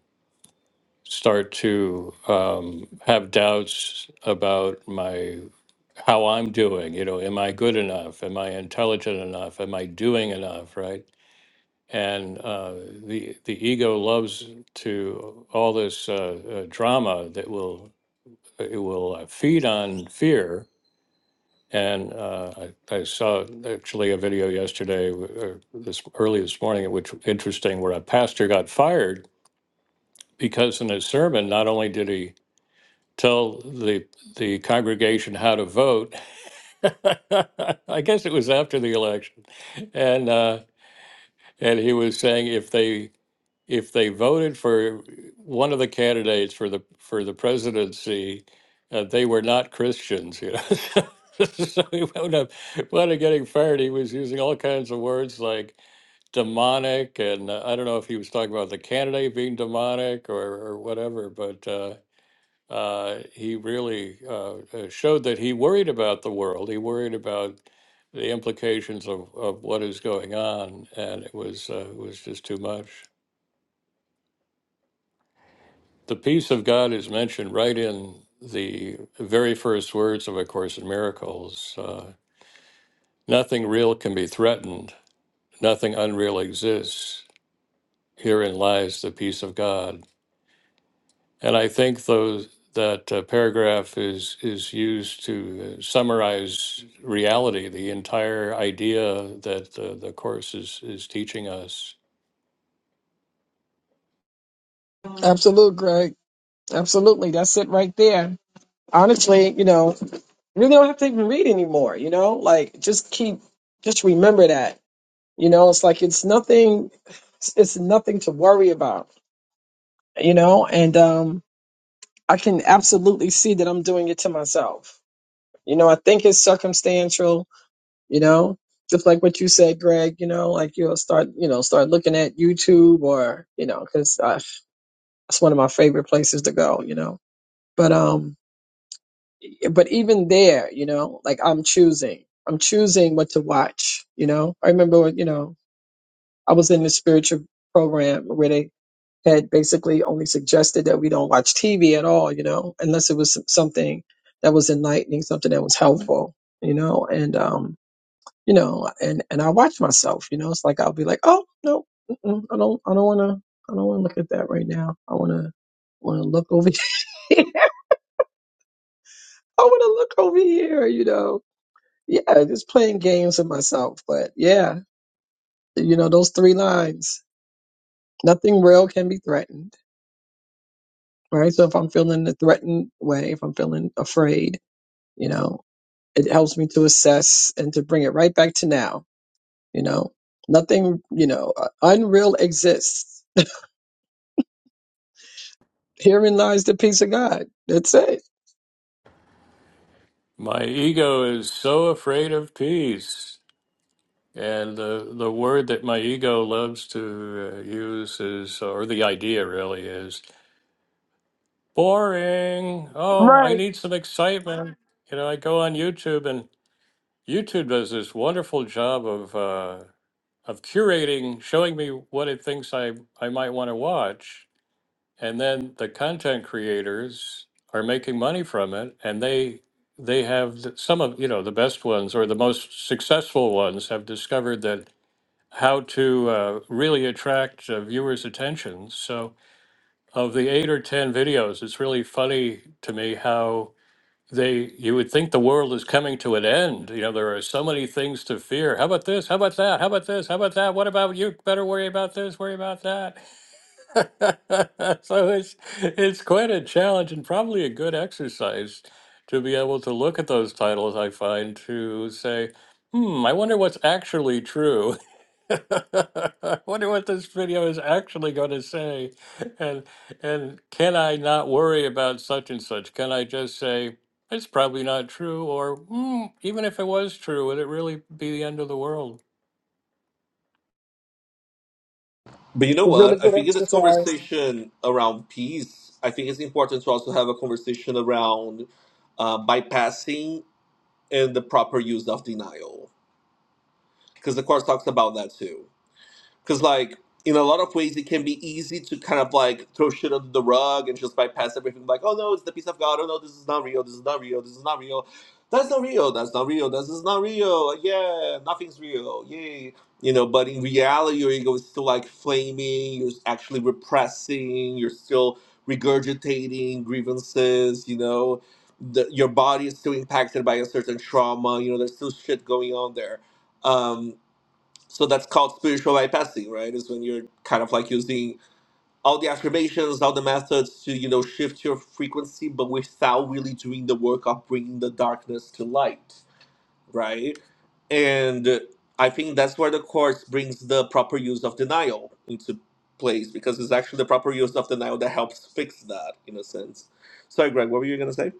[SPEAKER 1] start to um, have doubts about my how I'm doing. You know, am I good enough? Am I intelligent enough? Am I doing enough? Right? And uh, the the ego loves to all this uh, uh, drama that will it will uh, feed on fear. And uh, I, I saw actually a video yesterday, w- uh, this early this morning, which was interesting, where a pastor got fired because in his sermon, not only did he tell the the congregation how to vote, [LAUGHS] I guess it was after the election, and uh, and he was saying if they if they voted for one of the candidates for the for the presidency, uh, they were not Christians, you know. [LAUGHS] so he wound up, wound up getting fired. He was using all kinds of words like demonic, and uh, I don't know if he was talking about the candidate being demonic or, or whatever, but. Uh, uh, he really uh, uh, showed that he worried about the world. He worried about the implications of, of what is going on, and it was uh, it was just too much. The peace of God is mentioned right in the very first words of A Course in Miracles. Uh, Nothing real can be threatened. Nothing unreal exists. Herein lies the peace of God. And I think those that uh, paragraph is is used to uh, summarize reality, the entire idea that the, the course is is teaching us.
[SPEAKER 4] Absolutely, Greg. Absolutely. That's it right there. Honestly, you know, You don't have to even read anymore, you know? Like just keep just remember that. You know, it's like it's nothing it's it's nothing to worry about, you know? And um I can absolutely see that I'm doing it to myself. You know, I think it's circumstantial, you know? Just like what you said, Greg, you know, like you'll start, you know, start looking at YouTube or, you know, cuz that's one of my favorite places to go, you know. But um but even there, you know, like I'm choosing, I'm choosing what to watch. You know, I remember, you know, I was in the spiritual program where they had basically only suggested that we don't watch TV at all, you know, unless it was something that was enlightening, something that was helpful, you know, and, um, you know, and, and I watch myself, you know, it's like, I'll be like, oh, no, mm-mm, I don't, I don't want to, I don't want to look at that right now. I want to, want to look over [LAUGHS] here. I want to look over here, you know Yeah, just playing games with myself. But yeah, you know, those three lines nothing real can be threatened, right? So if I'm feeling the threatened way, if I'm feeling afraid, you know, it helps me to assess and to bring it right back to now, you know, nothing, you know, uh, unreal exists. Herein lies the peace of God. That's it.
[SPEAKER 1] My ego is so afraid of peace. And the, the word that my ego loves to uh, use is, or the idea really is, boring. Oh, I need some excitement. You know, I go on YouTube and YouTube does this wonderful job of uh, of curating, showing me what it thinks I, I might want to watch. And then the content creators are making money from it. And they, they have th- some of, you know, the best ones or the most successful ones have discovered that how to uh, really attract uh, viewers' attention. So of the eight or 10 videos, it's really funny to me how they you would think the world is coming to an end you know there are so many things to fear how about this how about that how about this how about that what about you better worry about this worry about that [LAUGHS] so it's it's quite a challenge and probably a good exercise to be able to look at those titles i find to say hmm i wonder what's actually true [LAUGHS] Wonder what this video is actually going to say, and and can I not worry about such and such? Can I just say it's probably not true, or mm, even if it was true, would it really be the end of the world?
[SPEAKER 2] But you know what? I think in this conversation around peace, I think it's important to also have a conversation around uh, bypassing and the proper use of denial, because the course talks about that too. because like in a lot of ways it can be easy to kind of like throw shit under the rug and just bypass everything like oh no it's the peace of god oh no this is not real this is not real this is not real that's not real that's not real this is not real Like, yeah nothing's real yay you know but in reality your ego is still like flaming you're actually repressing you're still regurgitating grievances you know the, your body is still impacted by a certain trauma you know there's still shit going on there Um, so that's called spiritual bypassing, right? Is when you're kind of like using all the affirmations, all the methods to, you know, shift your frequency, but without really doing the work of bringing the darkness to light, right? And I think that's where the course brings the proper use of denial into place because it's actually the proper use of denial that helps fix that in a sense. Sorry, Greg, what were you going to say?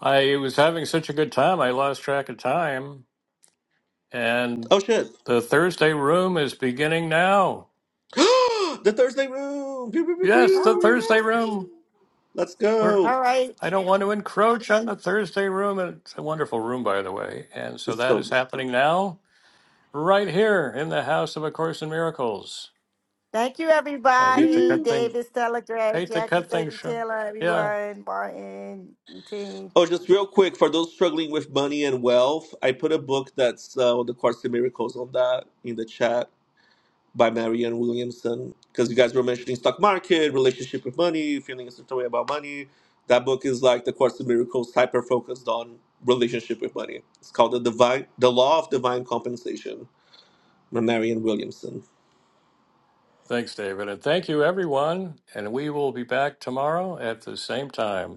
[SPEAKER 1] I was having such a good time, I lost track of time, and
[SPEAKER 2] Oh, shit. [GASPS]
[SPEAKER 1] the Thursday room is beginning now.
[SPEAKER 2] the Thursday room. Pew, pew, pew,
[SPEAKER 1] Yes,
[SPEAKER 3] Oh,
[SPEAKER 1] the
[SPEAKER 2] pew.
[SPEAKER 1] Thursday room.
[SPEAKER 2] Let's
[SPEAKER 1] We're
[SPEAKER 2] go.
[SPEAKER 3] all right.
[SPEAKER 1] I don't want to encroach on the Thursday room. and It's a wonderful room, by the way. And so
[SPEAKER 2] It's
[SPEAKER 1] that
[SPEAKER 2] so
[SPEAKER 1] is
[SPEAKER 2] good.
[SPEAKER 1] happening now. right here in the house of A Course in Miracles.
[SPEAKER 3] Thank
[SPEAKER 1] I
[SPEAKER 2] Pew,
[SPEAKER 1] hate to
[SPEAKER 2] pew.
[SPEAKER 1] cut things
[SPEAKER 3] you, Ladred,
[SPEAKER 1] hate to
[SPEAKER 3] Jackie.
[SPEAKER 1] cut
[SPEAKER 3] Thank
[SPEAKER 1] things
[SPEAKER 3] you,
[SPEAKER 1] short.
[SPEAKER 3] Taylor,
[SPEAKER 1] Yeah.
[SPEAKER 3] everyone, Martin, Eugene.
[SPEAKER 2] Oh, just real quick for those struggling with money and wealth, I put a book that's uh, the Course in Miracles on that in the chat by Marianne Williamson because you guys were mentioning stock market, relationship with money, feeling a certain way about money. That book is like the Course in Miracles hyper focused on relationship with money. It's called the divine, the law of divine compensation by Marianne Williamson.
[SPEAKER 1] Thanks, David. And thank you everyone. And we will be back tomorrow at the same time.